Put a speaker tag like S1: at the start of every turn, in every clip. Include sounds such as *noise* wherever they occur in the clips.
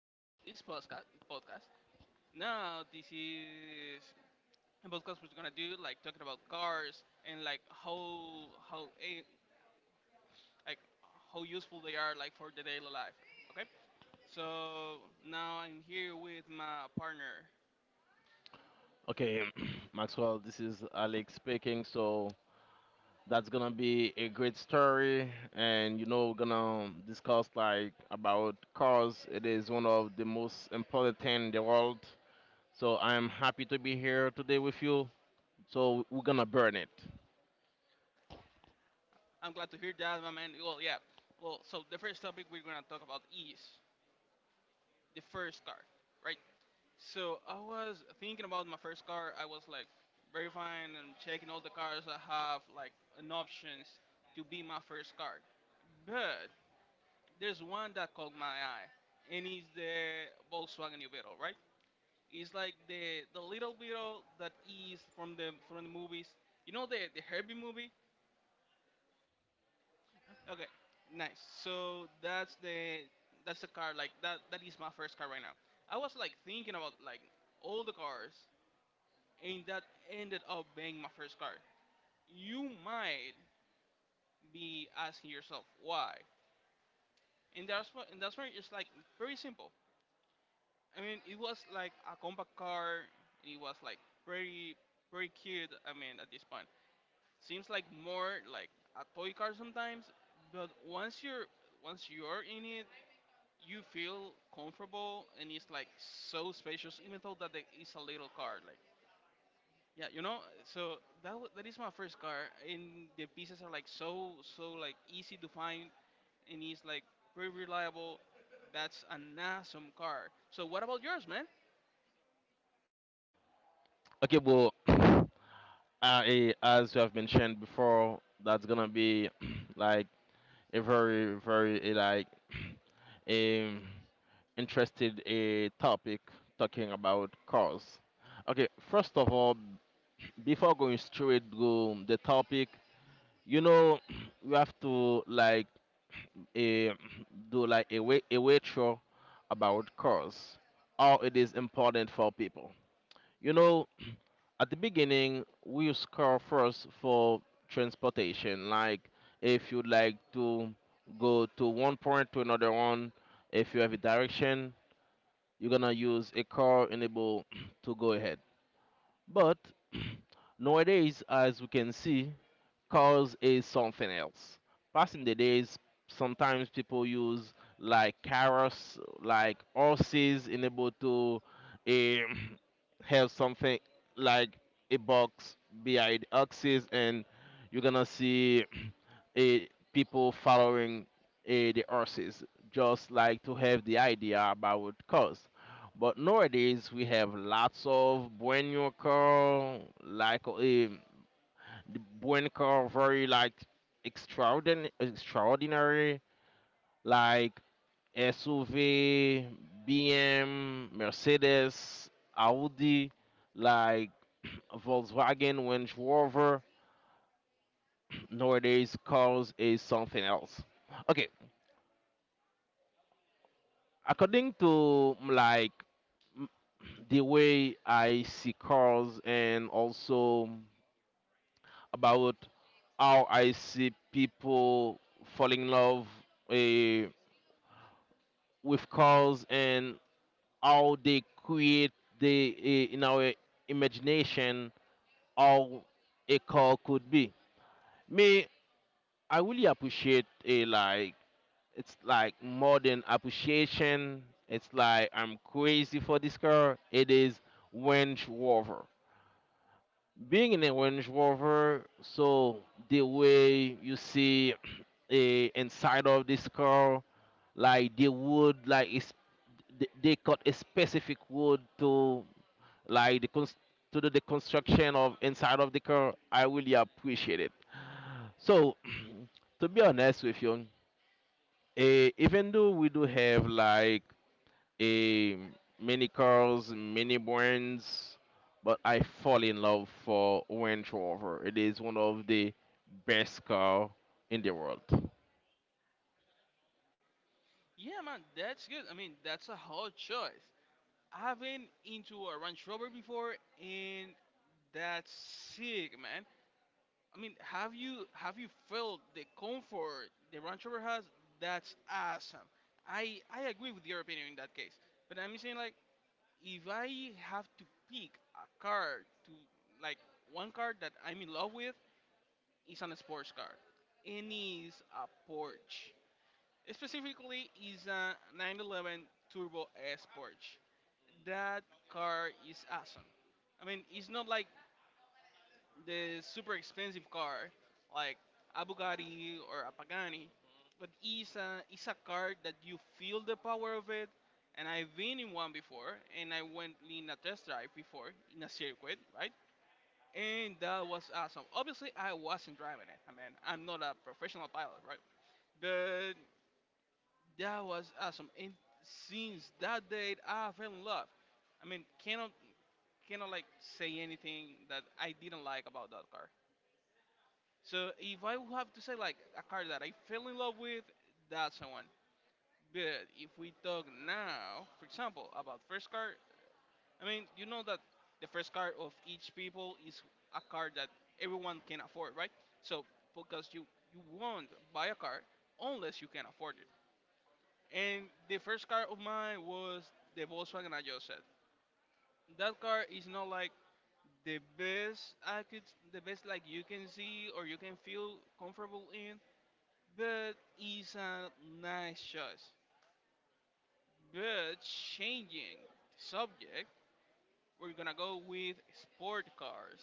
S1: Welcome to this podcast. Now, this is a podcast we're gonna do like talking about cars and like how like how useful they are like for the daily life. Okay. So now I'm here with my partner.
S2: Okay, *clears throat* Maxwell, this is Alex speaking. So that's gonna be a great story, and we're gonna discuss like about cars. It is one of the most important thing in the world. So I'm happy to be here today with you. So we're gonna burn it.
S1: I'm glad to hear that, my man. Well, yeah. So the first topic we're gonna talk about is the first car, right? So I was thinking about my first car. I was like verifying and checking all the cars I have like an options to be my first car. But there's one that caught my eye, and it's the Volkswagen New Beetle, right? It's like the little Beetle that is from the movies. You know the Herbie movie? Okay, nice. So that's the car like that is my first car right now. I was like thinking about like all the cars and that ended up being my first card. You might be asking yourself why, and that's where it's like very simple. I mean, it was like a compact car, and it was like pretty, pretty cute. I mean, at this point, seems like more like a toy car sometimes, but once you're in it, you feel comfortable, and it's like so spacious, even though that it is a little car. Like yeah, you know, so that is my first car, and the pieces are like so like easy to find, and it's like very reliable. That's an awesome car. So what about yours, man?
S2: Okay, well, *clears throat* as you have mentioned before, that's gonna be *clears throat* like a very, very, like, *clears throat* a interested a topic talking about cars. Okay, first of all, before going straight to the topic, you know, *clears throat* we have to like a, *clears throat* do like a way a retro about cars, how it is important for people. You know, at the beginning, we use car first for transportation. Like, if you'd like to go to one point to another one, if you have a direction, you're gonna use a car enable *clears throat* to go ahead. But *clears throat* nowadays, as we can see, cars is something else. Passing the days, sometimes people use like carrots, like horses enable to um, *clears throat* have something like a box behind axis, and you're gonna see eh, people following the horses just like to have the idea about cars. But nowadays we have lots of bueno car, like the bueno car very like extraordinary, extraordinary, like SUV, BM, Mercedes, Audi, like Volkswagen, Range Rover. Nowadays cars is something else. Okay, according to like mm, *clears throat* the way I see cars and also about how I see people falling in love eh, with cars, and how they create the in our imagination how a car could be. Me, I really appreciate a like. It's like more than appreciation. It's like I'm crazy for this car. It is Range Rover. Being in a Range Rover, so the way you see a inside of this car, like the wood, like is they cut a specific wood to, like, to do the construction of inside of the car. I really appreciate it. So *clears throat* to be honest with you, even though we do have like a many cars, many brands, but I fall in love for Range Rover. It is one of the best car in the world.
S1: Yeah, man, that's good. I mean, that's a hot choice. I've been into a Range Rover before, and that's sick, man. I mean, have you felt the comfort the Range Rover has? That's awesome. I agree with your opinion in that case. But I'm saying like if I have to pick a car to like one car that I'm in love with, it's an sports car, and it's a Porsche. Specifically, it's a 911 Turbo S Porsche. That car is awesome. I mean, it's not like the super expensive car like a Bugatti or a Pagani, but it's a card that you feel the power of it. And I've been in one before, and I went in a test drive before in a circuit, right? And that was awesome. Obviously, I wasn't driving it. I mean, I'm not a professional pilot, right? But that was awesome. And since that date, I fell in love. I mean, cannot like say anything that I didn't like about that car. So if I would have to say like a car that I fell in love with, that's the one. But if we talk now, for example, about first card, I mean, you know that the first card of each people is a card that everyone can afford, right? So because you won't buy a car unless you can afford it. And the first car of mine was the Volkswagen I just said. That car is not like the best I could, the best like you can see or you can feel comfortable in, but it's a nice choice. But changing the subject, we're gonna go with sport cars.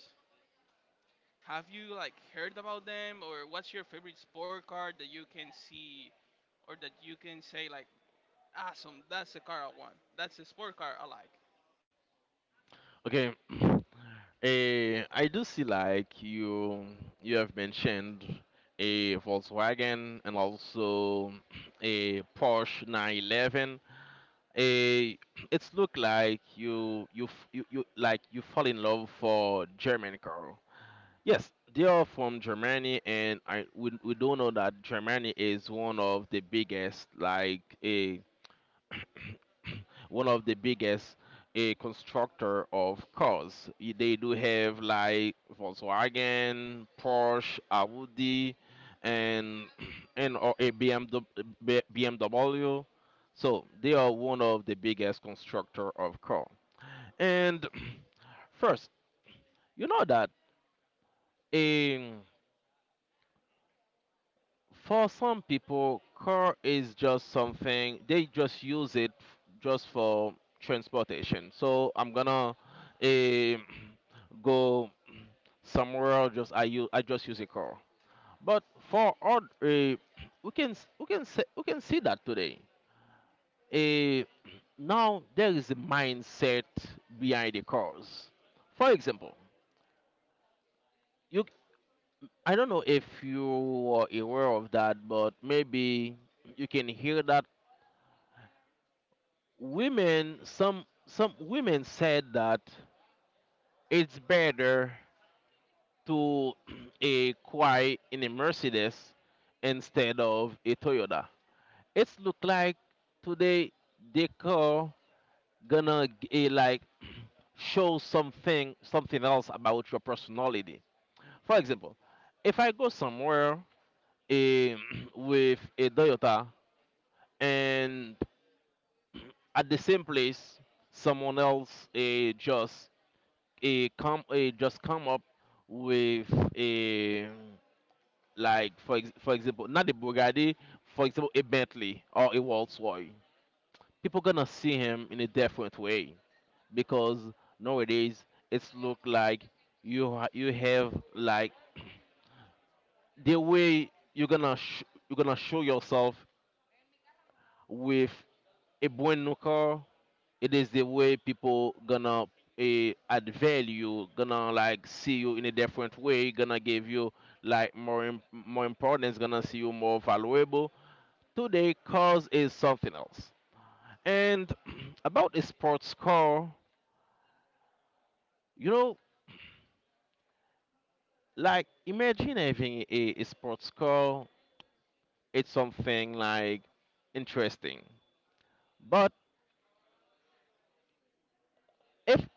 S1: Have you like heard about them, or what's your favorite sport car that you can see, or that you can say like, awesome, that's the car I want. That's the sport car I like.
S2: Okay, *clears throat* I do see like you have mentioned a Volkswagen and also *clears throat* a Porsche 911. A *clears throat* It's look like you f- you like you fall in love for German car. Yes, they are from Germany, and we do know that Germany is one of the biggest, like a one of the biggest a constructor of cars. They do have like Volkswagen, Porsche, Audi, and *clears throat* and or a BMW, BMW. So they are one of the biggest constructor of car. And *clears throat* first, you know that um, for some people, car is just something they just use it just for transportation. So I'm gonna um *clears throat* go somewhere. Just I just use a car. But for odd, *clears throat* we can s- we can say, we can see that today. Uh, *clears throat* now there is a mindset behind the cars. For example, you I don't know if you are aware of that, but maybe you can hear that women some women said that it's better to *clears throat* a cry in a Mercedes instead of a Toyota. It's look like today the car gonna like show something else about your personality. For example, if I go somewhere eh, *clears throat* with a Toyota, and at the same place someone else just come up with a, like, for example, not a Bugatti, for example a Bentley or a Rolls-Royce. People gonna see him in a different way because nowadays it's look like you have like *clears throat* the way you're gonna show yourself with a brand new car. It is the way people gonna add value, gonna like see you in a different way, gonna give you like more importance, gonna see you more valuable. Today cause is something else. And *clears throat* about a sports car, you know like imagine having a sports car. It's something like interesting, but if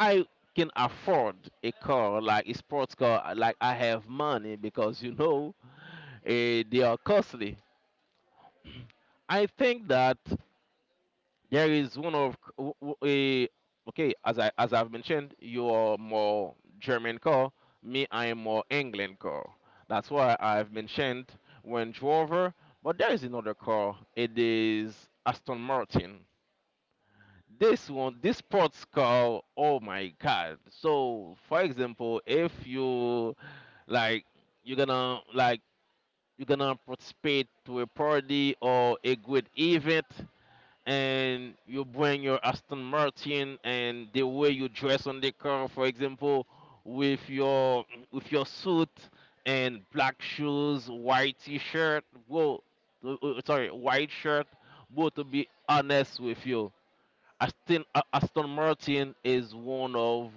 S2: I can afford a car like a sports car, like I have money, because you know they are costly. I think that there is one of a, okay. As I've mentioned, you are more German car. Me, I am more England car. That's why I've mentioned Range Rover. But there is another car. It is Aston Martin. This one, this sports car. Oh my God! So, for example, if you like, you're gonna like you're gonna participate to a party or a good event, and you bring your Aston Martin, and the way you dress on the car, for example, with your with your suit and black shoes, white t-shirt, well, sorry, white shirt. But to be honest with you, Aston Martin is one of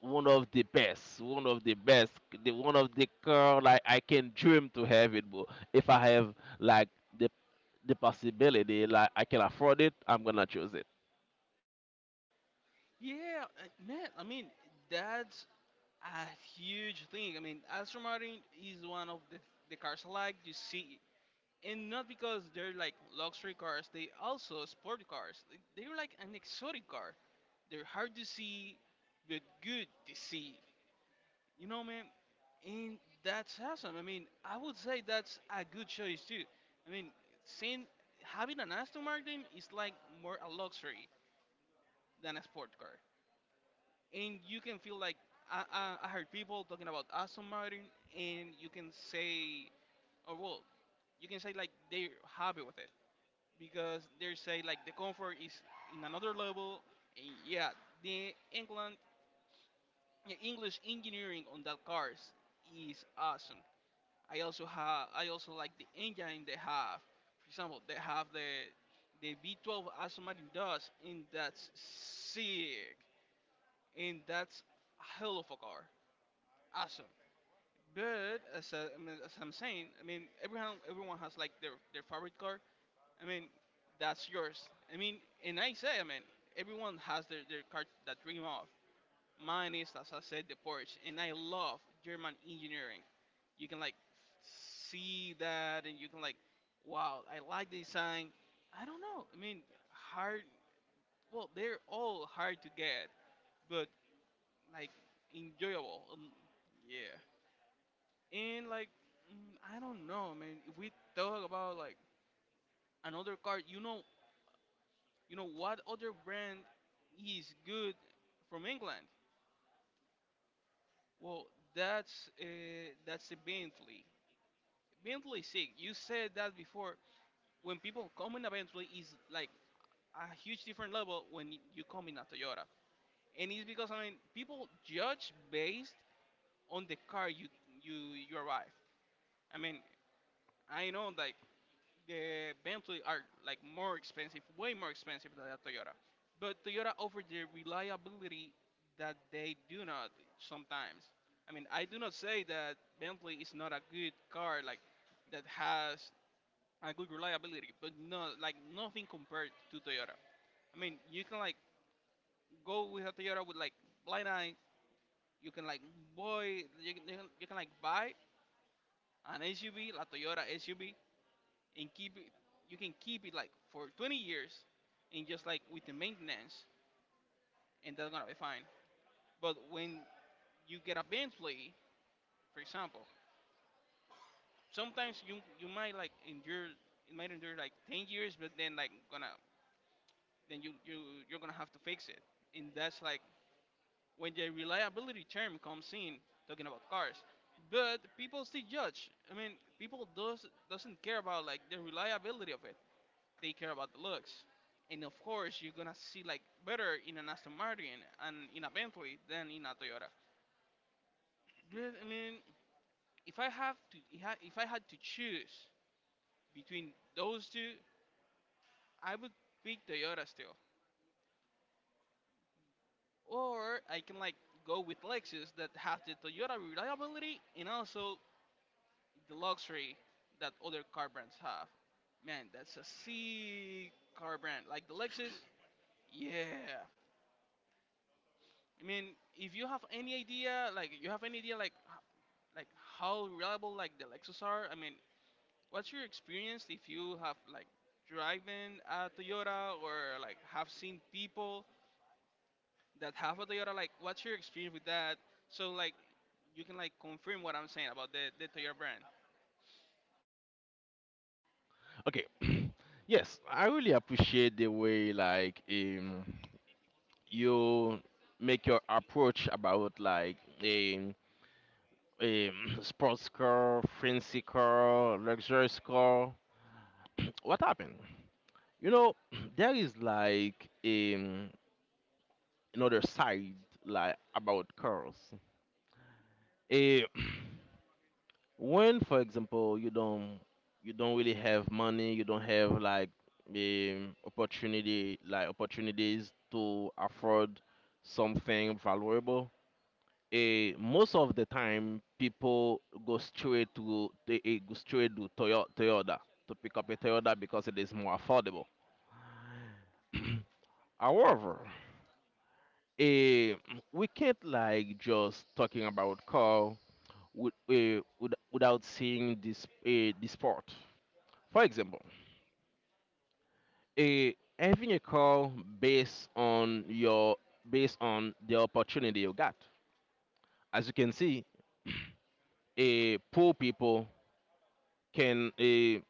S2: one of the best, one of the best, the one of the car like I can dream to have it, bro. If I have like the the possibility, like I can afford it, I'm gonna choose it.
S1: Yeah, man. I mean, that's a huge thing. I mean, Aston Martin is one of the cars I like. You see, and not because they're like luxury cars. They also sport cars. They- They're like an exotic car. They're hard to see, but good to see. You know, man, and that's awesome. I mean, I would say that's a good choice too. I mean, seeing having an Aston Martin is like more a luxury than a sport car, and you can feel like I heard people talking about Aston Martin, and you can say, or well, you can say like they're happy with it because they say like the comfort is in another level, and yeah, the England, the English engineering on that cars is awesome. I also like the engine they have. For example, they have the V12 Aston Martin does, and that's sick, and that's a hell of a car, awesome. But as I'm saying, I mean everyone has like their favorite car. I mean that's yours. I mean, and I say, I mean everyone has their car that dream of. Mine is, as I said, the Porsche, and I love German engineering. You can like see that, and you can like, wow, I like the design. I don't know. I mean, hard. Well, they're all hard to get, but like enjoyable. Yeah. And like, I don't know, man. If we talk about like another car, you know what other brand is good from England? Well, that's the Bentley. Mentally sick. You said that before. When people come in a Bentley, is like a huge different level when you come in a Toyota, and it's because I mean people judge based on the car you you arrive. I mean I know like the Bentley are like more expensive, way more expensive than a Toyota, but Toyota offers the reliability that they do not sometimes. I mean I do not say that Bentley is not a good car like that has a good reliability, but no, like nothing compared to Toyota. I mean, you can like go with a Toyota with like blind eyes. You can like boy, you can buy an SUV, la Toyota SUV, and keep it. You can keep it like for 20 years, and just like with the maintenance, and that's gonna be fine. But when you get a Bentley, for example, sometimes you might like endure it might endure like 10 years, but then like gonna then you're gonna have to fix it, and that's like when the reliability term comes in, talking about cars. But people still judge. I mean, people does doesn't care about like the reliability of it. They care about the looks. And of course, you're gonna see like better in an Aston Martin and in a Bentley than in a Toyota. But I mean, if I had to choose between those two, I would pick Toyota still. Or I can like go with Lexus that has the Toyota reliability and also the luxury that other car brands have. Man, that's a sick car brand. Like the Lexus, yeah. I mean, if you have any idea, like you have any idea, like like how reliable like the Lexus are. I mean, what's your experience if you have like driven a Toyota or like have seen people that have a Toyota? Like, what's your experience with that? So like, you can like confirm what I'm saying about the Toyota brand.
S2: Okay, *clears throat* yes, I really appreciate the way, like you make your approach about, like, um, *clears throat* sports car, fancy car, luxurious car. *clears throat* What happened? You know, *clears throat* there is like another side, like, about cars. Eh, *clears throat* when, for example, you don't really have money, you don't have like opportunity like opportunities to afford something valuable. Most of the time people go straight to Toyota to pick up a Toyota because it is more affordable. *clears throat* However, eh, we can't like just talking about car without seeing this part. For example, uh, having a call based on your based on the opportunity you got. As you can see, *clears throat* poor people can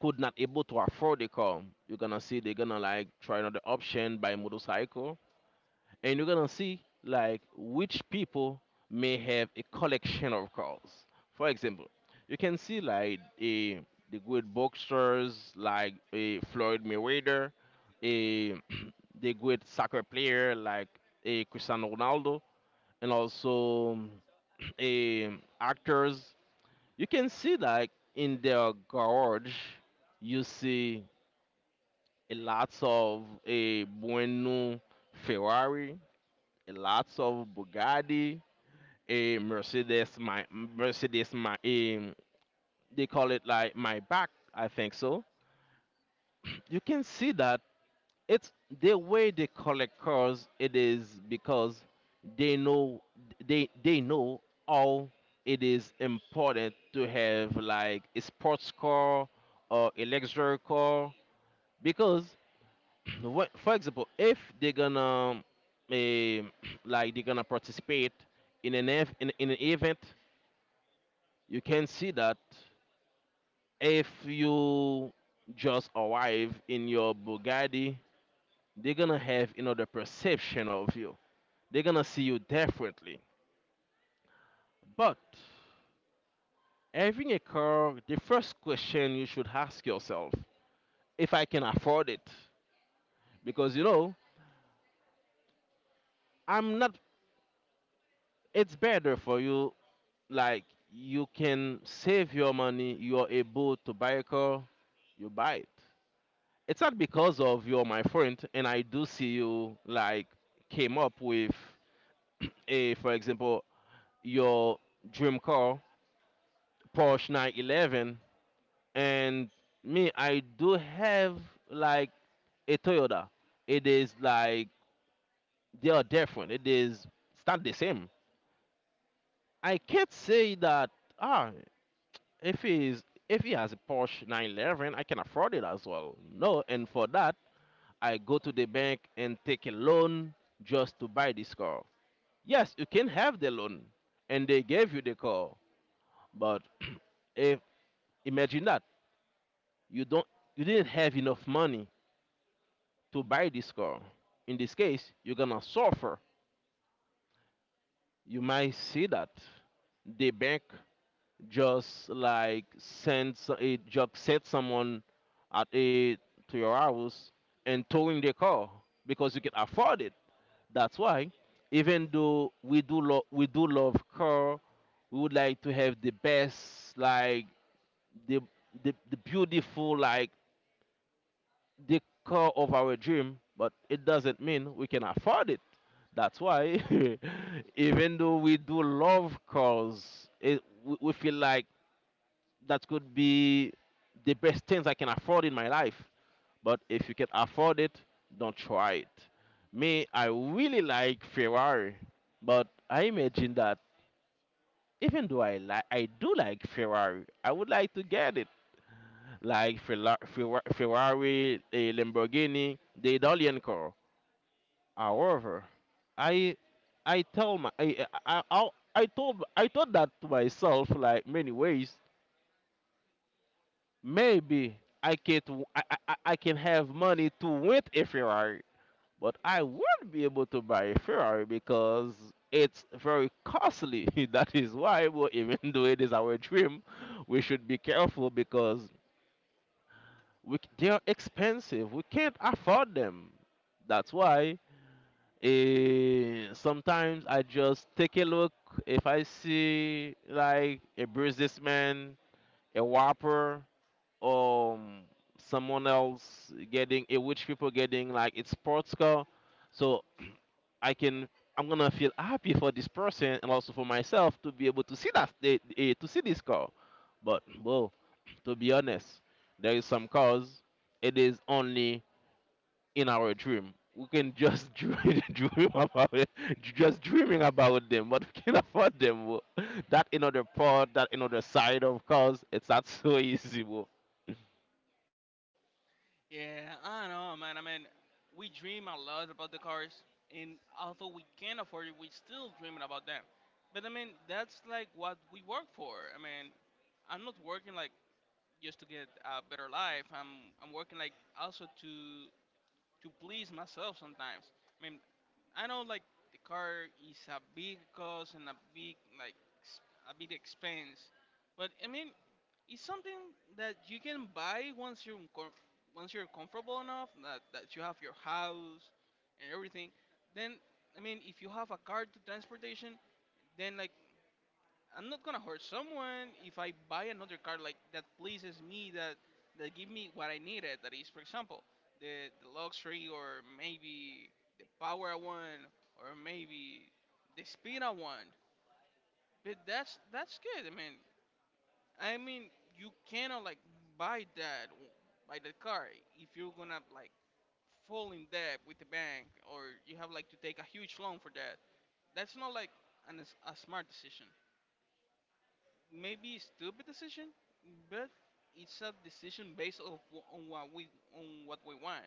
S2: could not able to afford the car. You're gonna see they're gonna like try another option by motorcycle, and you're gonna see like which people may have a collection of cars. For example, you can see like a the good boxers like a Floyd Mayweather, a *clears throat* the good soccer player like a Cristiano Ronaldo, and also *clears throat* a actors. You can see like in their garage, you see a lots of a Bueno Ferrari, a lots of Bugatti, a Mercedes, my they call it like my back, I think so. You can see that it's the way they collect cars. It is because they know they know how it is important to have like a sports car or a luxury car, because for example, if they're gonna eh, *clears throat* like they're gonna participate in an event, you can see that if you just arrive in your Bugatti, they're gonna have another perception of you. They're gonna see you differently. But having a car, the first question you should ask yourself, if I can afford it, because you know I'm not. It's better for you, like you can save your money, you're able to buy a car, you buy it. It's not because of you're my friend and I do see you like came up with *clears throat* a, for example, your dream car, Porsche 911, and me, I do have like a Toyota. It is like they are different. It's not the same. I can't say that, ah. If he has a Porsche 911, I can afford it as well. No, and for that, I go to the bank and take a loan just to buy this car. Yes, you can have the loan, and they gave you the car. But if imagine that you don't, you didn't have enough money to buy this car. In this case, you're gonna suffer. You might see that the bank just like it just set someone at a to your house and towing the car because you can afford it. That's why, even though we do love car, we would like to have the best, like the the beautiful, like the car of our dream, but it doesn't mean we can afford it. That's why, *laughs* even though we do love cars, it, we feel like that could be the best things I can afford in my life. But if you can afford it, don't try it. Me, I really like Ferrari, but I imagine that even though I do like Ferrari, I would like to get it, like Ferrari, a Lamborghini, the Italian car. However, I I tell my I told I thought that to myself like many ways. Maybe I can have money to win a Ferrari, but I won't be able to buy a Ferrari because it's very costly. *laughs* That is why, well, even *laughs* though it is our dream, we should be careful because they are expensive. We can't afford them. That's why sometimes I just take a look. If I see like a businessman, a whopper, um someone else getting a rich people getting like a sports car, so i can I'm gonna feel happy for this person and also for myself to be able to see that to see this car. But well, to be honest, there is some cars it is only in our dream we can just *laughs* dream about it, just dreaming about them, but we can afford them, bro. That another part, that another side of cars, it's not so *laughs* easy, bro.
S1: Yeah, I know, man. I mean, we dream a lot about the cars, and although we can't afford it, we still dreaming about them. But I mean, that's like what we work for. I mean, I'm not working like just to get a better life. I'm working like also to please myself sometimes. I mean, I know like the car is a big cost and a big like a big expense, but I mean, it's something that you can buy once you're comfortable enough that, that you have your house and everything. Then I mean, if you have a car to transportation, then like I'm not gonna hurt someone if I buy another car like that pleases me that that give me what I needed. That is, for example, the luxury or maybe the power I want or maybe the speed I want. But that's good. I mean, you cannot like buy that buy that car if you're gonna like fall in debt with the bank or you have like to take a huge loan for that. That's not like a smart decision. Maybe a stupid decision, but it's a decision based on what we on what we want.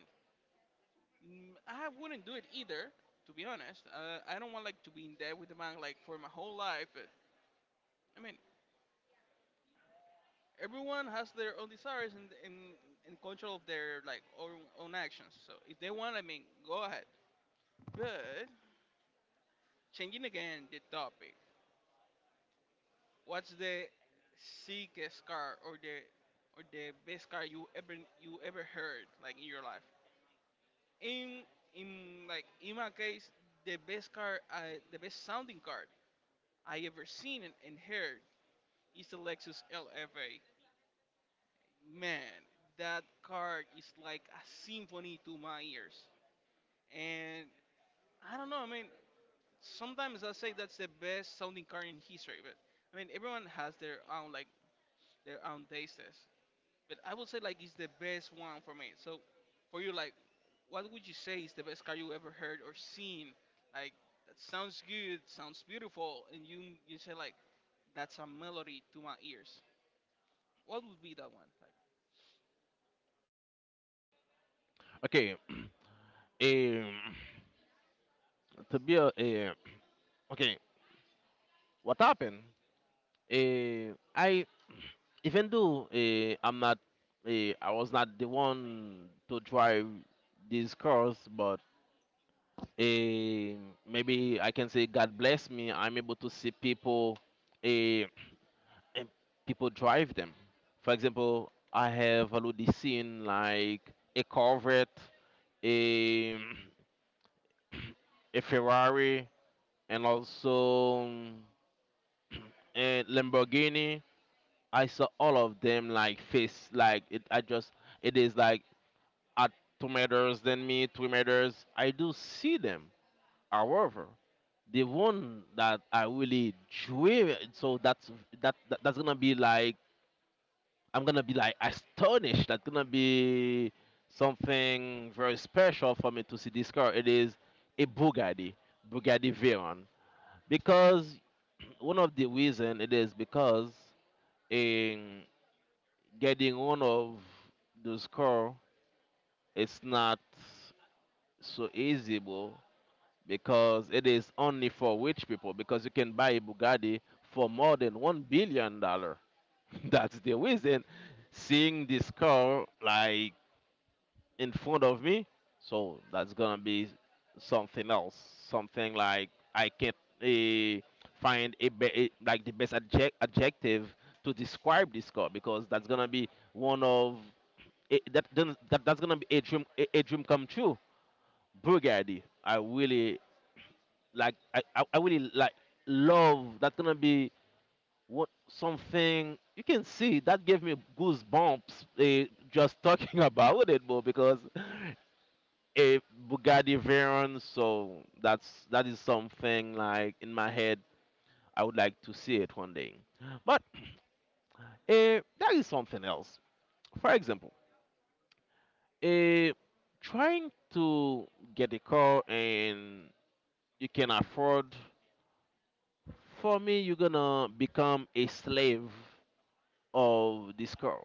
S1: I wouldn't do it either, to be honest. I don't want like to be in debt with the bank like for my whole life. But I mean, everyone has their own desires and in control of their like own actions. So if they want, I mean, go ahead. But changing again the topic, what's the sickest car or the best car you ever heard like in your life? In in like in my case, the best car, the best sounding car I ever seen and heard is the Lexus LFA. Man, that car is like a symphony to my ears. And I don't know. Sometimes I say that's the best sounding car in history, but everyone has their own their own tastes. But I would say like it's the best one for me. So, for you, like, what would you say is the best car you ever heard or seen? Like, that sounds good, sounds beautiful, and you say like that's a melody to my ears. What would be that one? Like,
S2: Okay. *clears throat* Um, to be uh, okay, what happened? I even though I'm not, I was not the one to drive these cars, but uh, maybe I can say God bless me. I'm able to see people, uh, people drive them. For example, I have already seen like a Corvette, a *clears throat* a Ferrari, and also. And Lamborghini. I saw all of them like face like it. I just it is like at 2 meters than me, 3 meters. I do see them. However, the one that I really drew, so that's that, that's gonna be like I'm gonna be like astonished. That's gonna be something very special for me to see this car. It is a Bugatti, Bugatti Veyron, because *clears throat* one of the reason it is because getting one of those car is not so easy, bro, because it is only for rich people. Because you can buy a Bugatti for more than $1 billion. *laughs* That's the reason. Seeing this car like in front of me, so that's gonna be something else. Something like I can't eh, find like the best adjective to describe this car, because that's gonna be one of it, that, then that that's gonna be a dream, a dream come true. Bulgari, I really I really like, love, that's gonna be what something you can see that gave me goosebumps, just talking *laughs* about it, bro, because a Bugatti Veyron, so that is something like in my head I would like to see it one day. But there is something else. For example, eh, trying to get a car and you can afford, for me, you're gonna become a slave of this car.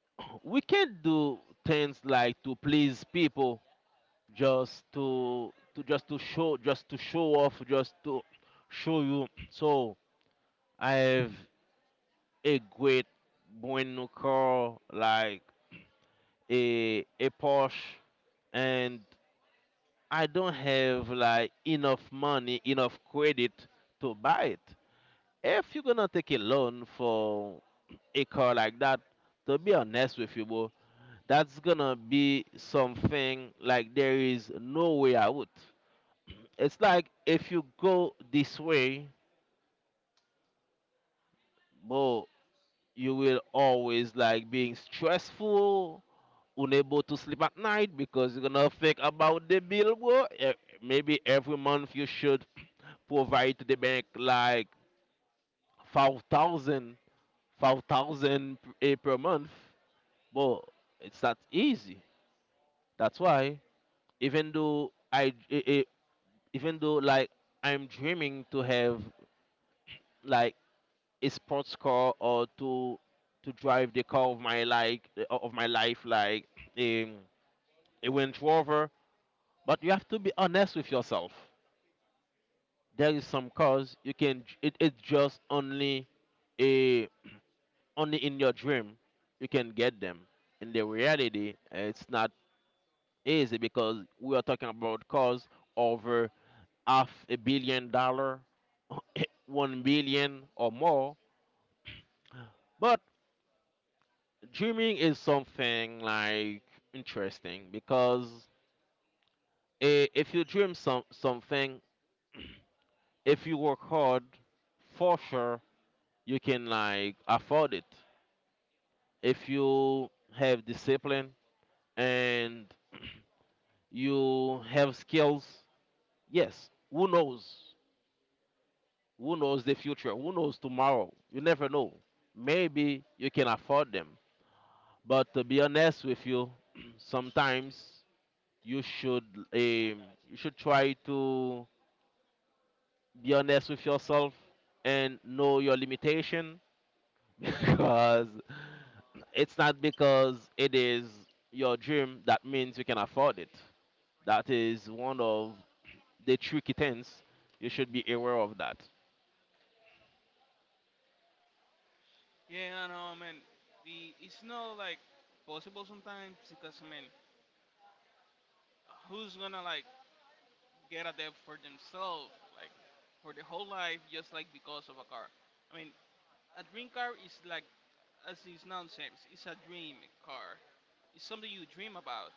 S2: *clears throat* We can't do things like to please people, just just to show off, just to show you. *clears throat* So I have a great bueno car like a Porsche, and I don't have like enough money, enough credit to buy it. If you're gonna take a loan for a car like that, to be honest with you, bro, that's gonna be something like there is no way out. It's like if you go this way, bro, you will always like being stressful, unable to sleep at night because you're gonna think about the bill, bro. Maybe every month you should provide to the bank like five thousand, five thousand, 5,000 per month, but it's not easy. That's why even though I eh, eh, even though like I'm dreaming to have like a sports car or to drive the car of my of my life like a a Range Rover, but you have to be honest with yourself. There is some cars you can it's just only a only in your dream you can get them. In the reality, it's not easy because we are talking about costs over half $1 billion, *laughs* 1 billion or more. But dreaming is something like interesting because if you dream some something, if you work hard, for sure you can like afford it. If you have discipline and *clears throat* you have skills. Yes, who knows? Who knows the future? Who knows tomorrow? You never know. Maybe you can afford them. But to be honest with you, *clears throat* sometimes you should um, you should try to be honest with yourself and know your limitation *laughs* because it's not because it is your dream that means you can afford it. That is one of the tricky things. You should be aware of that.
S1: yeah, I know, man. The it's not like possible sometimes because who's gonna like get a debt for themselves, like for the whole life, just like because of a car. I mean, a dream car is like, as its noun says, it's a dream car. It's something you dream about.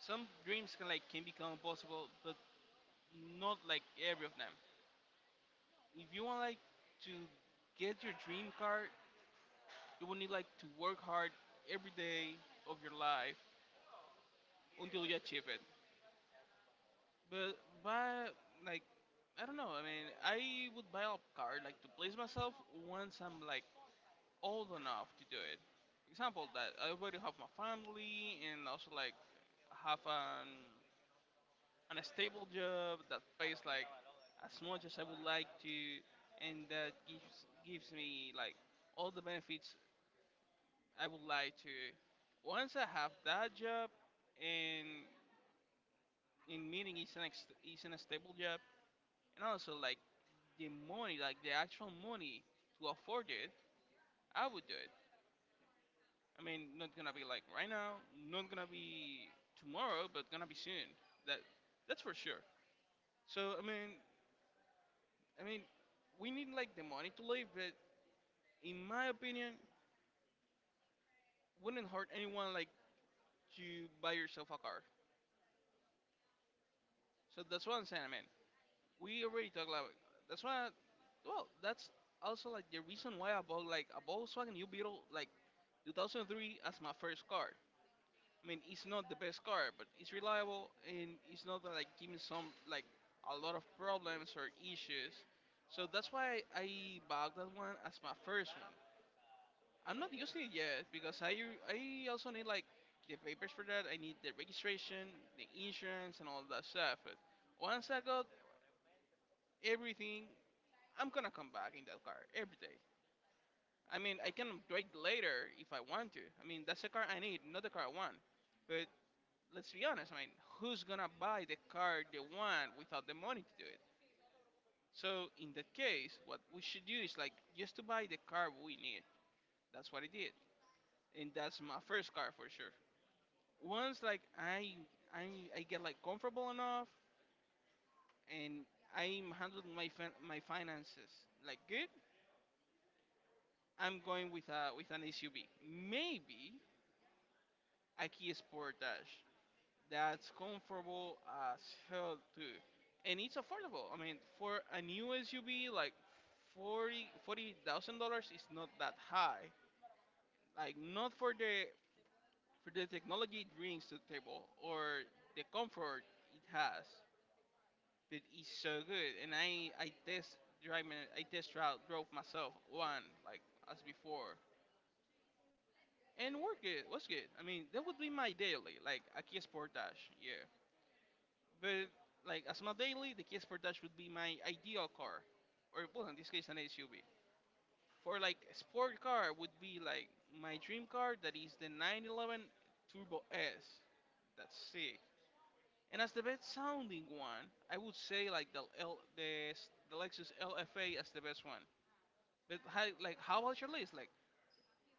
S1: Some dreams can can become possible, but not like every of them. If you want like to get your dream car, you will need like to work hard every day of your life until you achieve it. But why, like, I don't know. I mean, I would buy a car like to place myself once I'm like old enough to do it. For example, that I already have my family and also like have an stable job that pays like as much as I would like to, and that gives me like all the benefits I would like to. Once I have that job, and in meaning is is an stable job, and also like the money, like the actual money to afford it, I would do it. I mean, not gonna be like right now, not gonna be tomorrow, but gonna be soon. That that's for sure. So I mean, we need like the money to live, but in my opinion, wouldn't hurt anyone like to buy yourself a car. So that's what I'm saying, man. We already talked about it. That's why I, well, that's also like the reason why I bought like a Volkswagen U Beetle like 2003 as my first car. I mean, it's not the best car, but it's reliable and it's not that, like giving some like a lot of problems or issues. So that's why I bought that one as my first one. I'm not using it yet because I also need like the papers for that. I need the registration, the insurance, and all that stuff. But once I got everything, I'm gonna come back in that car every day. I mean, I can upgrade later if I want to. I mean, that's the car I need, not the car I want. But let's be honest, who's gonna buy the car they want without the money to do it? So in that case, what we should do is like just to buy the car we need. That's what I did, and that's my first car for sure. Once like I get like comfortable enough and I'm handling my my finances like good, I'm going with a with an SUV, maybe a Kia Sportage. That's comfortable as hell too, and it's affordable. I mean, for a new SUV, like $40,000 is not that high. Like not for the for the technology it brings to the table or the comfort it has, but it's so good. And I test I test drove myself one like as before. And work it was good. I mean, that would be my daily, like a Kia Sportage, yeah. But like as my daily, the Kia Sportage would be my ideal car, or well, in this case, an SUV. For like a sport car would be like my dream car that is the 911 Turbo S. That's sick. And as the best sounding one, I would say like the Lexus LFA as the best one. But how, like how about your list? Like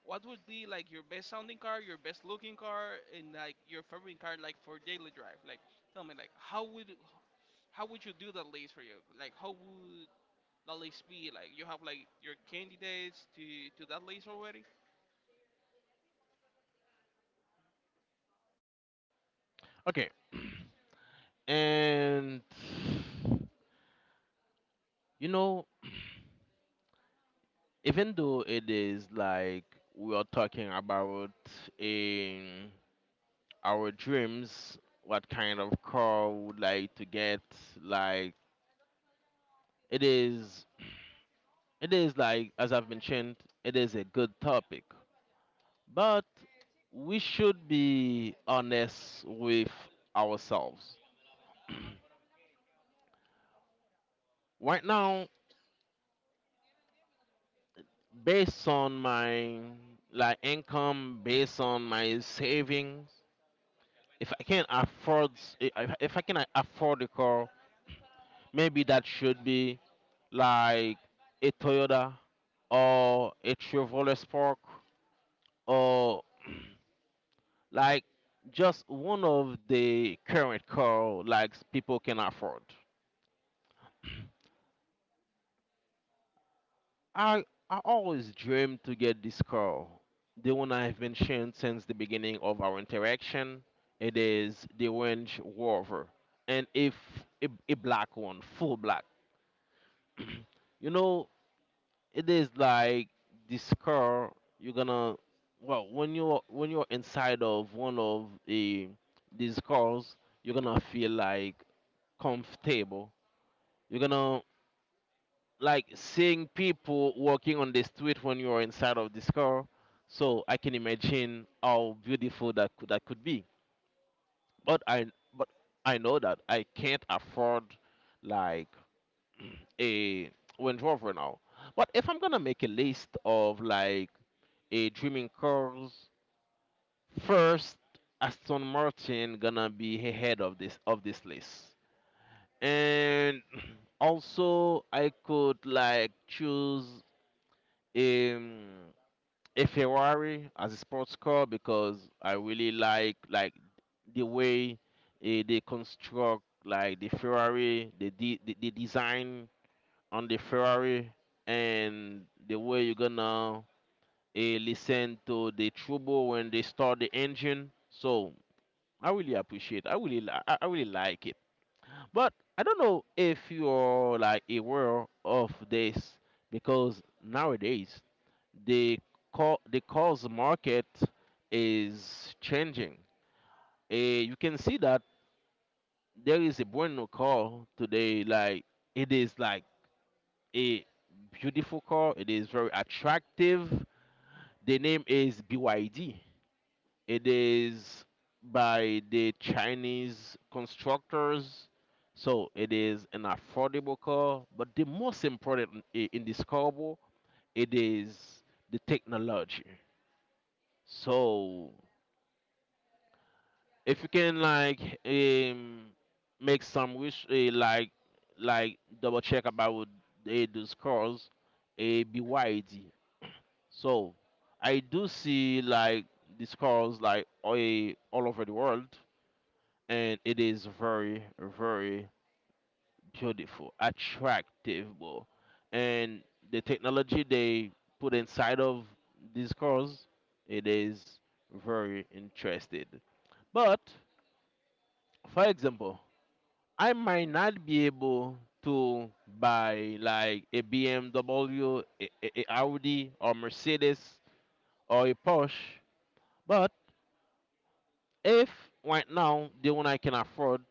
S1: what would be like your best sounding car, your best looking car, and like your favorite car like for daily drive? Like tell me like how would you do that list for you? Like, how would that list be? Like, you have like your candidates to that list already?
S2: Okay. *clears throat* And you know, *clears throat* even though it is like we are talking about in our dreams, what kind of car we would like to get, like it is, it is like as I've mentioned, it is a good topic, but we should be honest with ourselves. *clears throat* Right now, based on my like income, based on my saving, if I can afford, if I can afford the car, maybe that should be like a Toyota or a Chevrolet Spark, or *clears throat* like just one of the current car like people can afford. I I always dreamed to get this car. The one I've mentioned since the beginning of our interaction, it is the Range Rover, and if a black one, full black. *clears throat* You know it is like this car you're gonna, well, when you're inside of one of the these cars, you're gonna feel like comfortable, you're gonna like seeing people walking on the street when you're inside of this car, so I can imagine how beautiful that could be. But i but I know that I can't afford like *clears throat* a Range Rover now, but if I'm gonna make a list of like a dreaming cars. First, Aston Martin gonna be ahead of this list, and also I could like choose um, a Ferrari as a sports car because I really like the way, they construct like the Ferrari, the design on the Ferrari, and the way you're gonna listen to the trouble when they start the engine. So I really appreciate. I really like it. But I don't know if you're like aware of this, because nowadays the the cars market is changing. Eh, you can see that there is a brand new car today. Like it is like a beautiful car. It is very attractive. The name is BYD. It is by the Chinese constructors. So it is an affordable car, but the most important in this car, it is the technology. So if you can like um make some wish, like double check about those cars, a BYD. So I do see like these cars like all over the world, and it is very, very beautiful, attractive, bro, and the technology they put inside of these cars, it is very interested. But for example, I might not be able to buy like a BMW, a Audi or Mercedes, or a Porsche. But if right now the one I can afford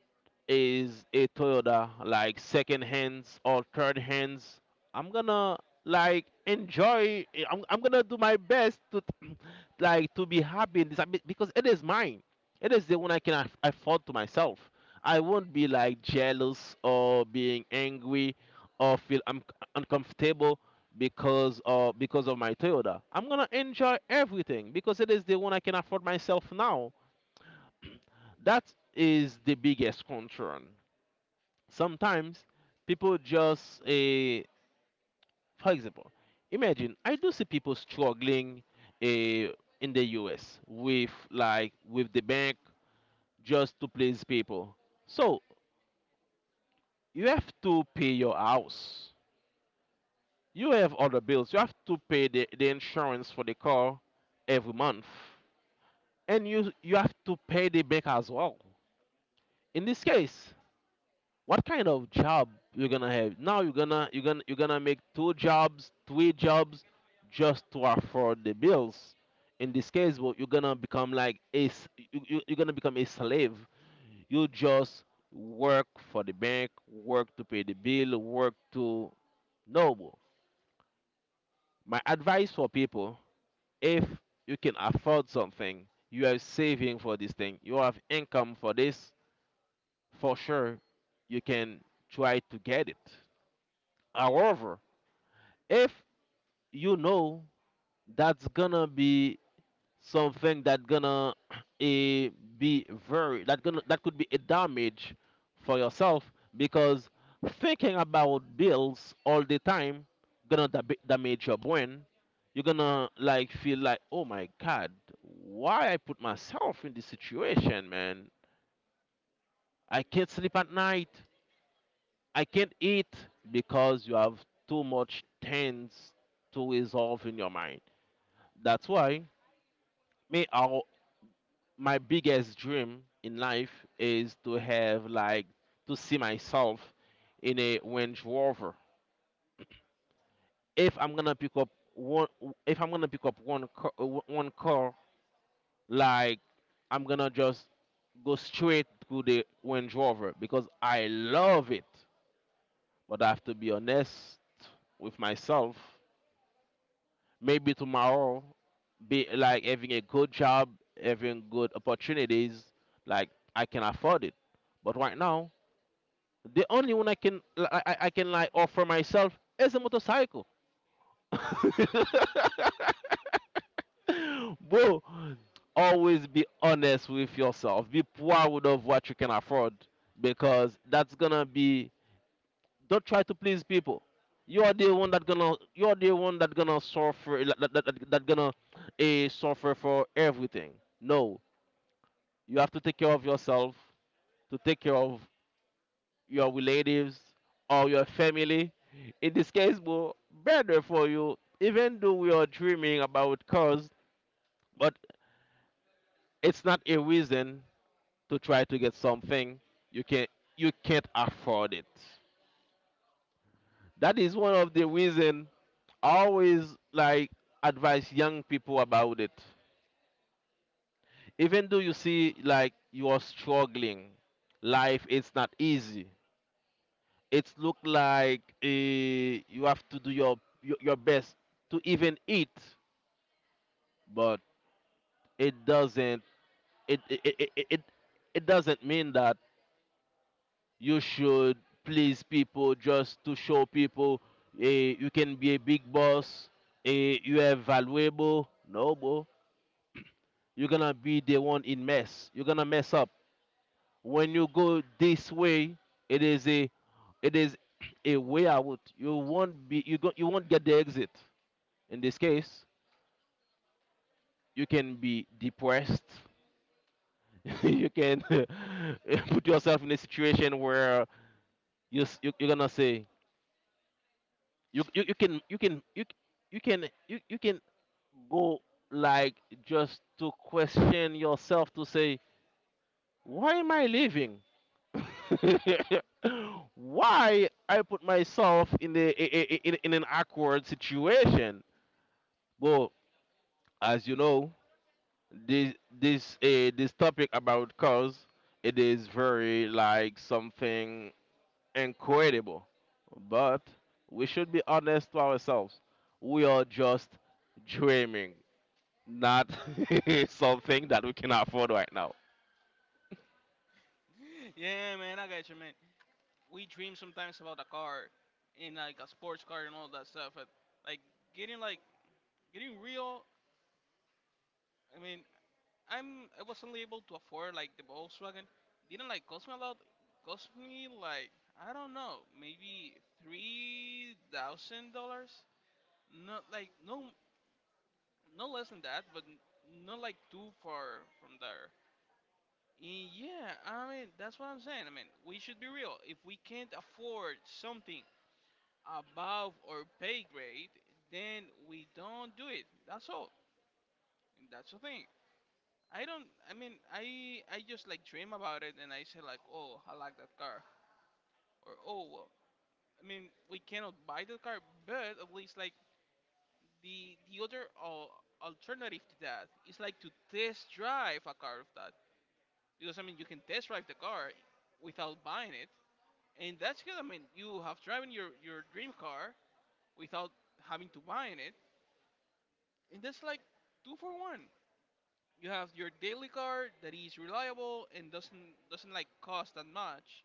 S2: is a Toyota, like second hands or third hands, I'm gonna like enjoy. I'm gonna do my best to *clears throat* like to be happy in this, I mean, because it is mine. It is the one I can afford to myself. I won't be like jealous or being angry or feel uncomfortable because of my Toyota. I'm gonna enjoy everything because it is the one I can afford myself now. That is the biggest concern sometimes people just a for example imagine I do see people struggling eh, in the US with like with the bank, just to please people. So you have to pay your house, you have other bills, you have to pay the insurance for the car every month, and you have to pay the bank as well. In this case, what kind of job you're gonna have? Now you're gonna you're gonna you're gonna make two jobs, three jobs just to afford the bills. In this case, well, you're gonna become like a you're gonna become a slave. You just work for the bank, work to pay the bill, work to no, well, my advice for people, if you can afford something, you are saving for this thing, you have income for this, for sure you can try to get it. However, if you know that's gonna be something that gonna *clears throat* eh, be very that gonna that could be a damage for yourself, because thinking about bills all the time gonna damage your brain. You're gonna like feel like, oh my god, why I put myself in this situation, man? I can't sleep at night, I can't eat, because you have too much things to resolve in your mind. That's why me our my biggest dream in life is to have like to see myself in a Range Rover. If I'm gonna pick up one, if I'm gonna pick up one car, like I'm gonna just go straight to the Range Rover because I love it. But I have to be honest with myself. Maybe tomorrow be like having a good job, having good opportunities, like I can afford it. But right now the only one I can li- I can like offer myself is a motorcycle. *laughs* bro, always be honest with yourself, be proud of what you can afford, because that's gonna be don't try to please people. You are the one that gonna you are the one that gonna suffer that gonna suffer for everything. No, you have to take care of yourself, to take care of your relatives or your family. In this case, bro, better for you. Even though we are dreaming about cars, but it's not a reason to try to get something you can not you can't afford it. That is one of the reason I always like advise young people about it. Even though you see like you are struggling, life it's not easy. It's look like you have to do your best to even eat, but it doesn't it it doesn't mean that you should please people just to show people you can be a big boss, you are valuable. No, bro. You're gonna be the one in mess. You're gonna mess up. When you go this way, it is a it is *clears throat* a way out. You won't be you go, you won't get the exit. In this case, you can be depressed. *laughs* you can *laughs* put yourself in a situation where you you're gonna say you you, you can you can you you can you, you can go like just to question yourself to say, why am I living? *laughs* Why I put myself in in an awkward situation? Well, as you know, this this topic about cars, it is very like something incredible. But we should be honest to ourselves. We are just dreaming, not *laughs* something that we can afford right now.
S1: *laughs* Yeah, man, I got you, man. We dream sometimes about a car, and like a sports car and all that stuff. But like getting like getting real. I mean, I was only able to afford like the Volkswagen. Didn't like cost me a lot. Cost me like I don't know, maybe $3,000. Not like no Not less than that, but not like too far from there. And yeah, I mean that's what I'm saying. I mean we should be real. If we can't afford something above our pay grade, then we don't do it. That's all. And that's the thing. I don't. I just like dream about it and I say like, oh, I like that car or oh well. I mean we cannot buy the car, but at least like the other alternative to that is like to test drive a car of that. Because I mean, you can test drive the car without buying it, and that's good. I mean, you have driven your dream car without having to buy it, and that's like two for one. You have your daily car that is reliable and doesn't like cost that much,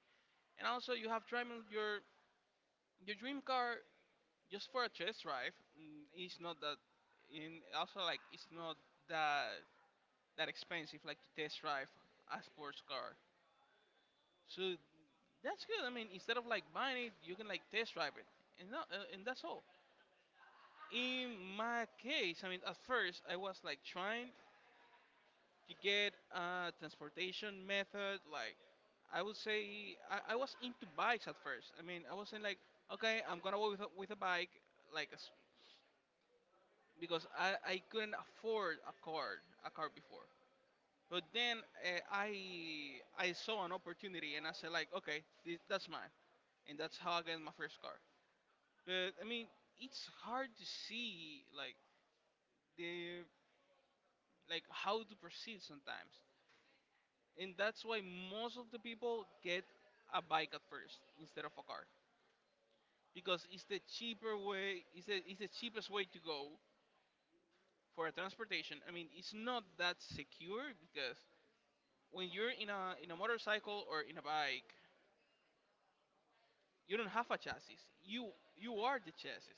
S1: and also you have driving your dream car just for a test drive. Mm, it's not that, and also like it's not that that expensive like to test drive a sports car. So that's good. I mean, instead of like buying it, you can like test drive it, and no, and that's all. In my case, I mean, at first I was like trying to get a transportation method. Like, I would say I was into bikes at first. I mean, I was saying like, okay, I'm gonna go with with a bike, like, as- because I couldn't afford a car before. But then I saw an opportunity and I said like, okay, this, that's mine, and that's how I get my first car. But I mean, it's hard to see like the like how to proceed sometimes, and that's why most of the people get a bike at first instead of a car because it's the cheaper way. It's the cheapest way to go for a transportation. I mean, it's not that secure because when you're in a motorcycle or in a bike, you don't have a chassis. You you are the chassis.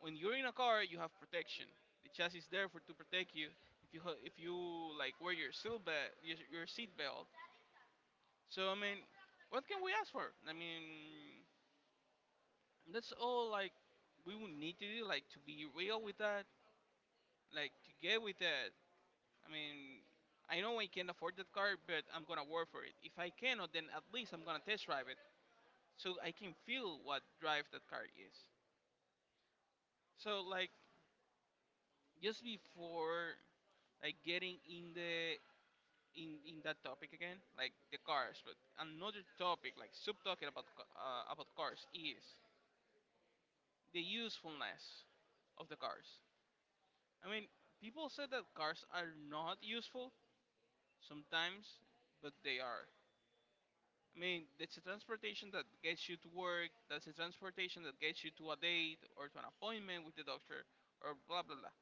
S1: When you're in a car, you have protection. The chassis is there for to protect you. If you like wear your seat belt, your seat belt. So I mean, what can we ask for? I mean, that's all like we would need to do like to be real with that, like to get with that. I mean, I know I can't afford that car, but I'm gonna work for it. If I cannot, then at least I'm gonna test drive it, so I can feel what drive that car is. So like just before like getting in the in that topic again, like the cars, but another topic, like sub talking about cars, is the usefulness of the cars. I mean, people say that cars are not useful sometimes, but they are. I mean, it's a transportation that gets you to work. That's a transportation that gets you to a date or to an appointment with the doctor or blah blah blah.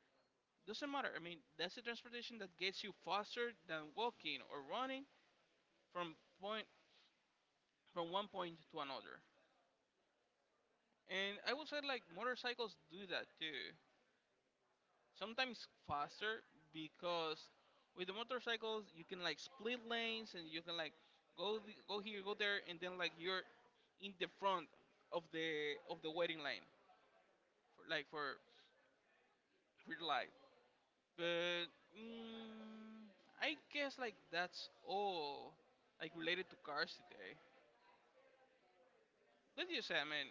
S1: Doesn't matter. I mean, that's a transportation that gets you faster than walking or running from point from one point to another. And I would say like motorcycles do that too. Sometimes faster because with the motorcycles you can like split lanes and you can like go here, go there, and then like you're in the front of the waiting line for the light. But mm, I guess like that's all like related to cars today. What do you say, man?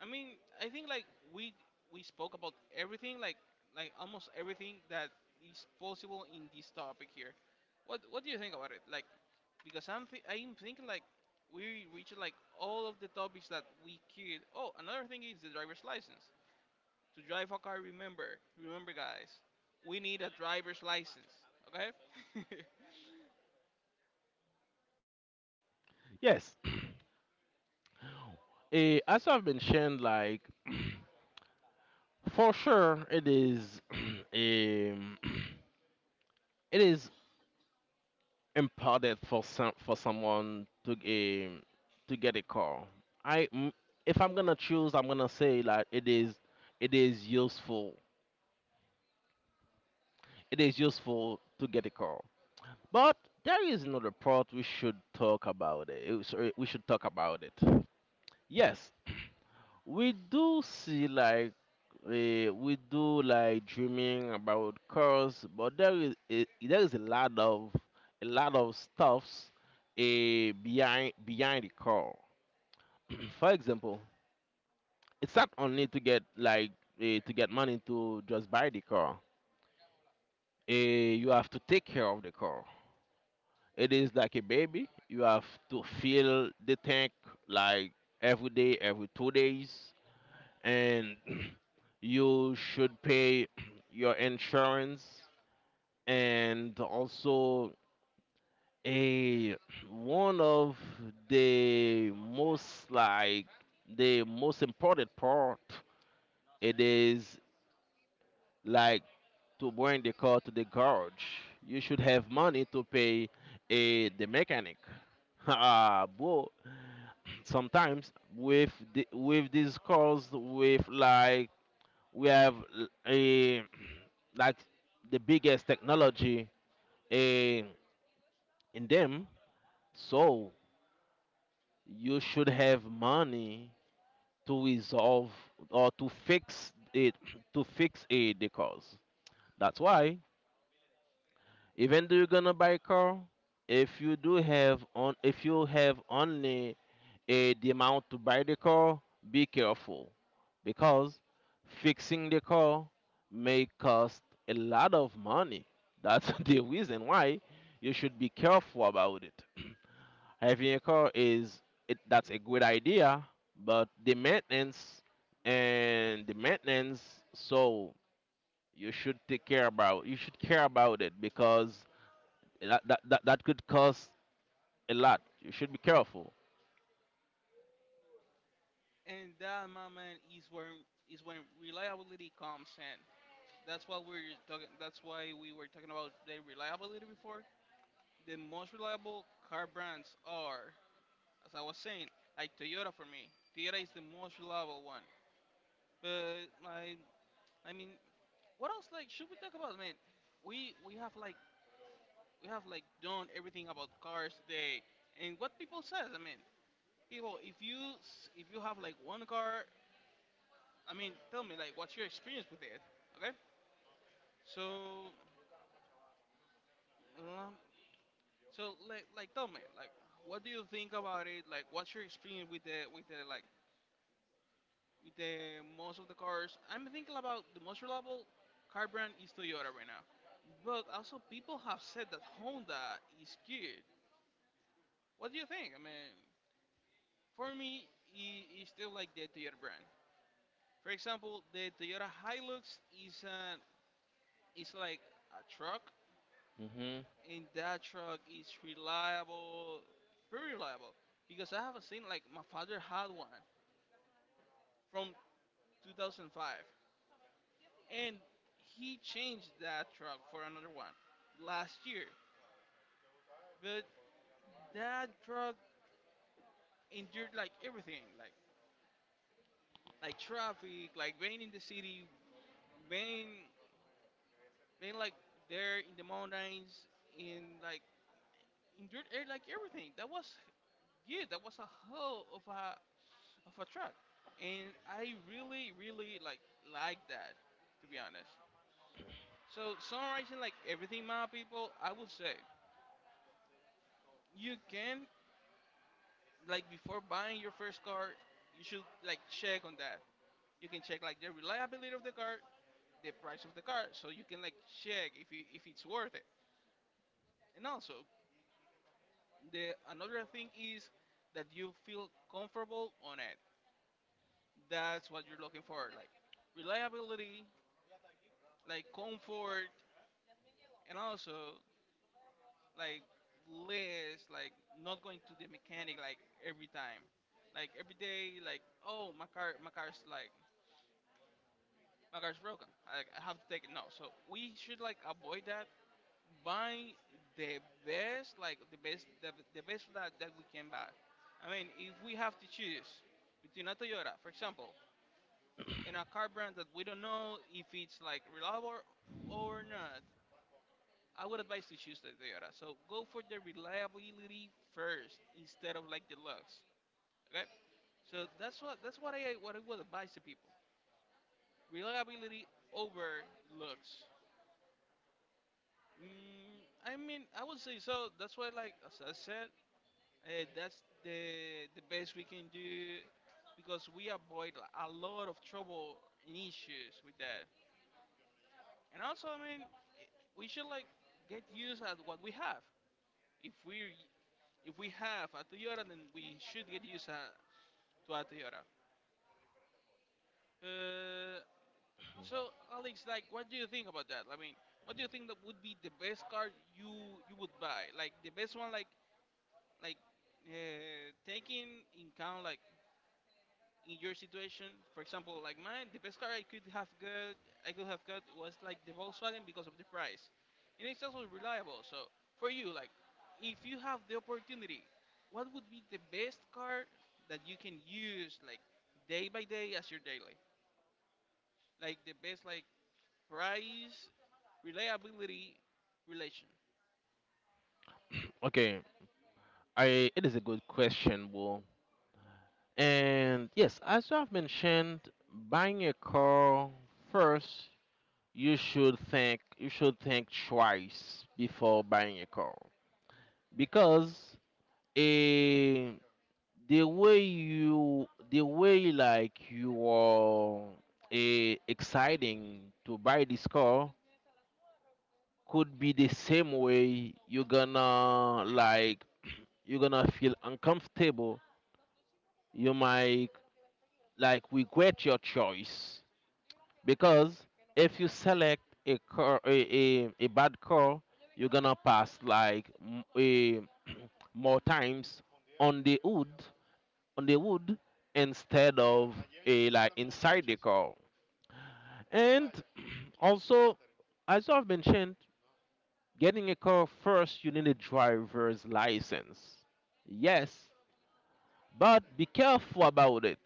S1: I mean, I think like we we spoke about everything, like almost everything that is possible in this topic here. What do you think about it? Like, because I'm thinking like we reached like all of the topics that we could. Oh, another thing is the driver's license. To drive a car, remember guys, we need a driver's license, okay? *laughs*
S2: Yes, as I've mentioned, like for sure, it is *clears throat* *clears throat* it is important for someone um, to get a car. I m- if I'm gonna choose, I'm gonna say like it is useful. It is useful to get a car. But there is another part we should talk about it. We should talk about it. Yes, we do see like we do like dreaming about cars, but there is there is a lot of stuffs behind behind the car. *clears throat* For example, it's not only to get like to get money to just buy the car. Eh, you have to take care of the car. It is like a baby. You have to fill the tank like every day, every 2 days. And *clears throat* you should pay *clears throat* your insurance, and also a *clears throat* one of the most like the most important part it is like to bring the car to the garage. You should have money to pay a the mechanic. *laughs* Bro, sometimes with these cars with like we have a like the biggest technology eh, in them. So you should have money to resolve or to fix it, *clears throat* to fix a the cause. That's why even though you're gonna buy a car, if you do have on if you have only the amount to buy the car, be careful because fixing the car may cost a lot of money. That's *laughs* the reason why you should be careful about it. Having a car is it, that's a good idea, but the maintenance and the maintenance, so you should take care about you should care about it because that could cost a lot. You should be careful.
S1: And that, my man, is when reliability comes in. That's what we're talking. That's why we were talking about the reliability before. The most reliable car brands are, as I was saying, like Toyota for me. Toyota is the most reliable one. But I mean, what else? Like, should we talk about, man? We have like we have like done everything about cars today, and what people says. I mean, people, if you if you have like one car, I mean, tell me like what's your experience with it, okay? So, um, So like tell me like what do you think about it? Like what's your experience with the like with the most of the cars? I'm thinking about the most reliable car brand is Toyota right now, but also people have said that Honda is good. What do you think? I mean, for me, it is still like the Toyota brand. For example, the Toyota Hilux is an is like a truck,
S2: Hmm.
S1: and that truck is reliable, very reliable because I haven't seen like my father had one from 2005, and he changed that truck for another one last year. But that truck endured like everything, like traffic, like rain in the city, rain, rain like there in the mountains, in like endured air like everything. That was good. That was a hell of a truck, and I really really like that, to be honest. So summarizing like everything, my people, I would say you can like before buying your first car, you should like check on that. You can check like the reliability of the car, the price of the car, so you can like check if it's worth it. And also, the another thing is that you feel comfortable on it. That's what you're looking for, like reliability, like comfort, and also like less like not going to the mechanic like every time like every day like oh my car my car's broken. I have to take it now. So we should like avoid that. Buy the best, like the best, the best that we can buy. I mean, if we have to choose between a Toyota, for example, and a car brand that we don't know if it's like reliable or not, I would advise to choose the Toyota. So go for the reliability first instead of like the looks. Okay, so that's what I would advise to people: reliability over looks. Mm, I mean, I would say so. That's why, like as I said, that's the best we can do because we avoid like, a lot of trouble and issues with that. And also, I mean, we should like get used at what we have. If we if we have a Toyota, then we should get used to a Toyota. Uh, so Alex, like, what do you think about that? I mean, what do you think that would be the best car you would buy? Like the best one, like taking in count like in your situation for example like mine the best car I could have got was like the volkswagen because of the price and it's also reliable so for you like if you have the opportunity what would be the best car that you can use like day by day as your daily like the best like price reliability relation.
S2: Okay, I, it is a good question, Will. And yes, as I've mentioned, buying a car first, you should think twice before buying a car because a the way you the way like you are exciting to buy this car could be the same way you're gonna like you're gonna feel uncomfortable, you might like regret your choice because if you select a bad car, you're gonna pass like more times on the wood, on the wood instead of a like inside the car. And also, as I've mentioned, getting a car first, you need a driver's license, yes, but be careful about it.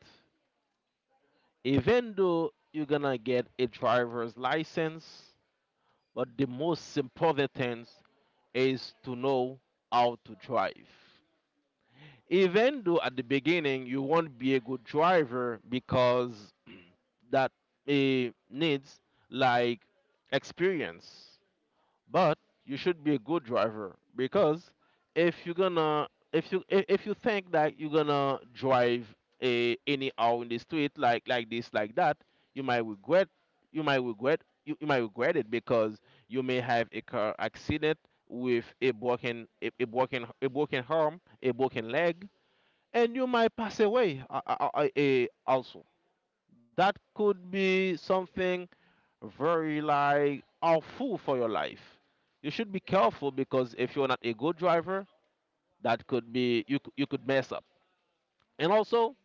S2: Even though you're gonna get a driver's license, but the most important thing is to know how to drive. Even though at the beginning you won't be a good driver because *clears throat* that needs like experience, but you should be a good driver because if you're gonna if you think that you're gonna drive a anyhow in the street like this like that, you might regret you might regret you might regret it because you may have a car accident with a broken a broken arm, a broken leg, and you might pass away also, that could be something very like awful for your life. You should be careful because if you're not a good driver, that could be you could mess up. And also,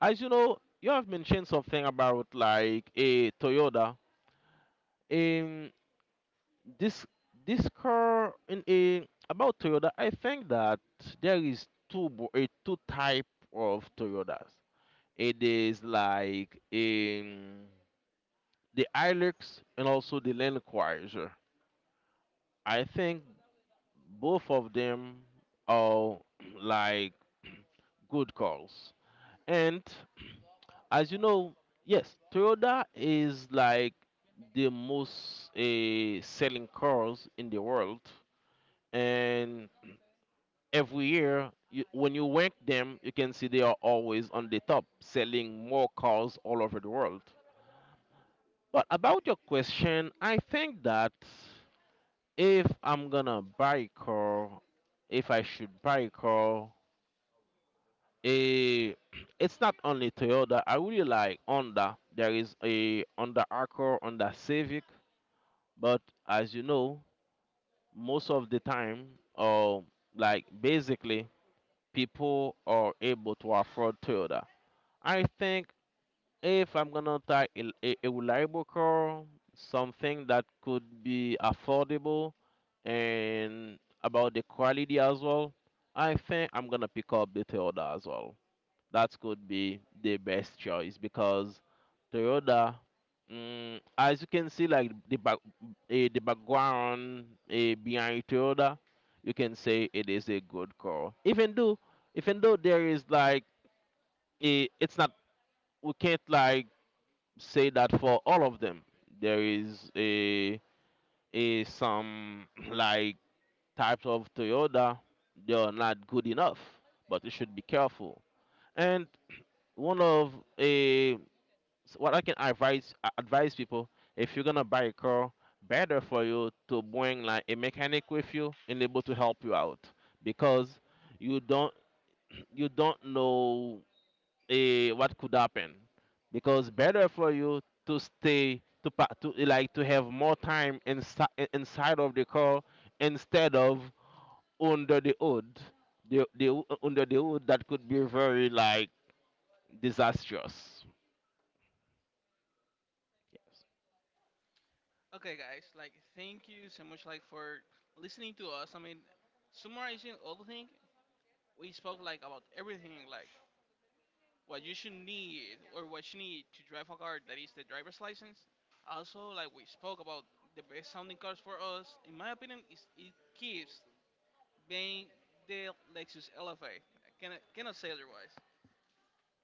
S2: as you know, you have mentioned something about like a Toyota. In this this car in a about Toyota, I think that there is two bo- a two type of Toyotas. It is like in the Hilux and also the Land Cruiser. I think both of them are *clears throat* like *clears throat* good calls. And *clears throat* as you know, yes, Toyota is like the most selling cars in the world. And every year, when you rank them, you can see they are always on the top, selling more cars all over the world. But about your question, I think that if I'm gonna buy a car, if I should buy a car, a *clears throat* it's not only Toyota. I really like Honda. There is a Honda Accord, Honda Civic, but as you know, most of the time, or like basically, people are able to afford Toyota. I think if I'm gonna take a reliable car, something that could be affordable, and about the quality as well, I think I'm gonna pick up the Toyota as well, that could be the best choice because Toyota, mm, as you can see, like the back, the background behind Toyota, you can say it is a good car. Even though there is like a, it's not, we can't like say that for all of them. There is a some *clears throat* like types of Toyota they are not good enough, but you should be careful. And one of eh, so what I can advise people, if you're gonna buy a car, better for you to bring like a mechanic with you and able to help you out because you don't *clears throat* you don't know what could happen because better for you to stay to pa- to eh, like to have more time inside of the car instead of under the hood the under the hood that could be very like disastrous.
S1: Okay, guys, like thank you so much, like for listening to us. I mean, summarizing all the thing, we spoke like about everything, like what you should need or what you need to drive a car, that is the driver's license. Also, like we spoke about the best sounding cars for us. In my opinion, is it keeps being the Lexus LFA. Cannot say otherwise.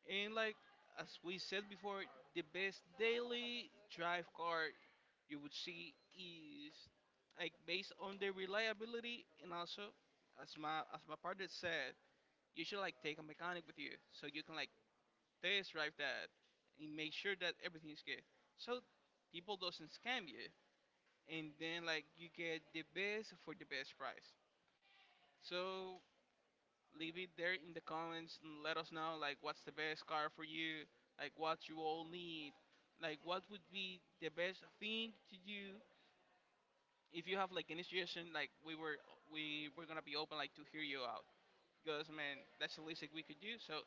S1: And like as we said before, the best daily drive car you would see is like based on the reliability and also as my partner said, you should like take a mechanic with you so you can like test drive that and make sure that everything is good. So people doesn't scam you and then like you get the best for the best price. So leave it there in the comments and let us know like what's the best car for you, like what you all need, like what would be the best thing to do. If you have like any suggestion, like we were gonna be open like to hear you out because man, that's the least that we could do. So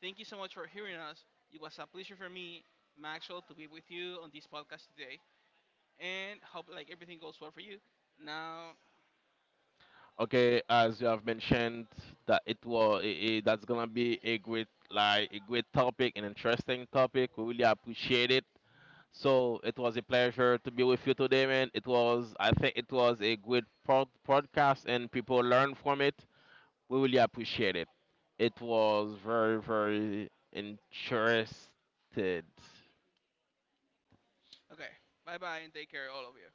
S1: thank you so much for hearing us. It was a pleasure for me, Maxwell, to be with you on this podcast today, and hope like everything goes well for you. Now,
S2: Okay, as you have mentioned, that it was that's gonna be a great like a great topic, an interesting topic. We really appreciate it. So it was a pleasure to be with you today, man. It was I think it was a good podcast, and people learn from it. We really appreciate it. It was very very interested.
S1: okay, bye bye and take care, all of you.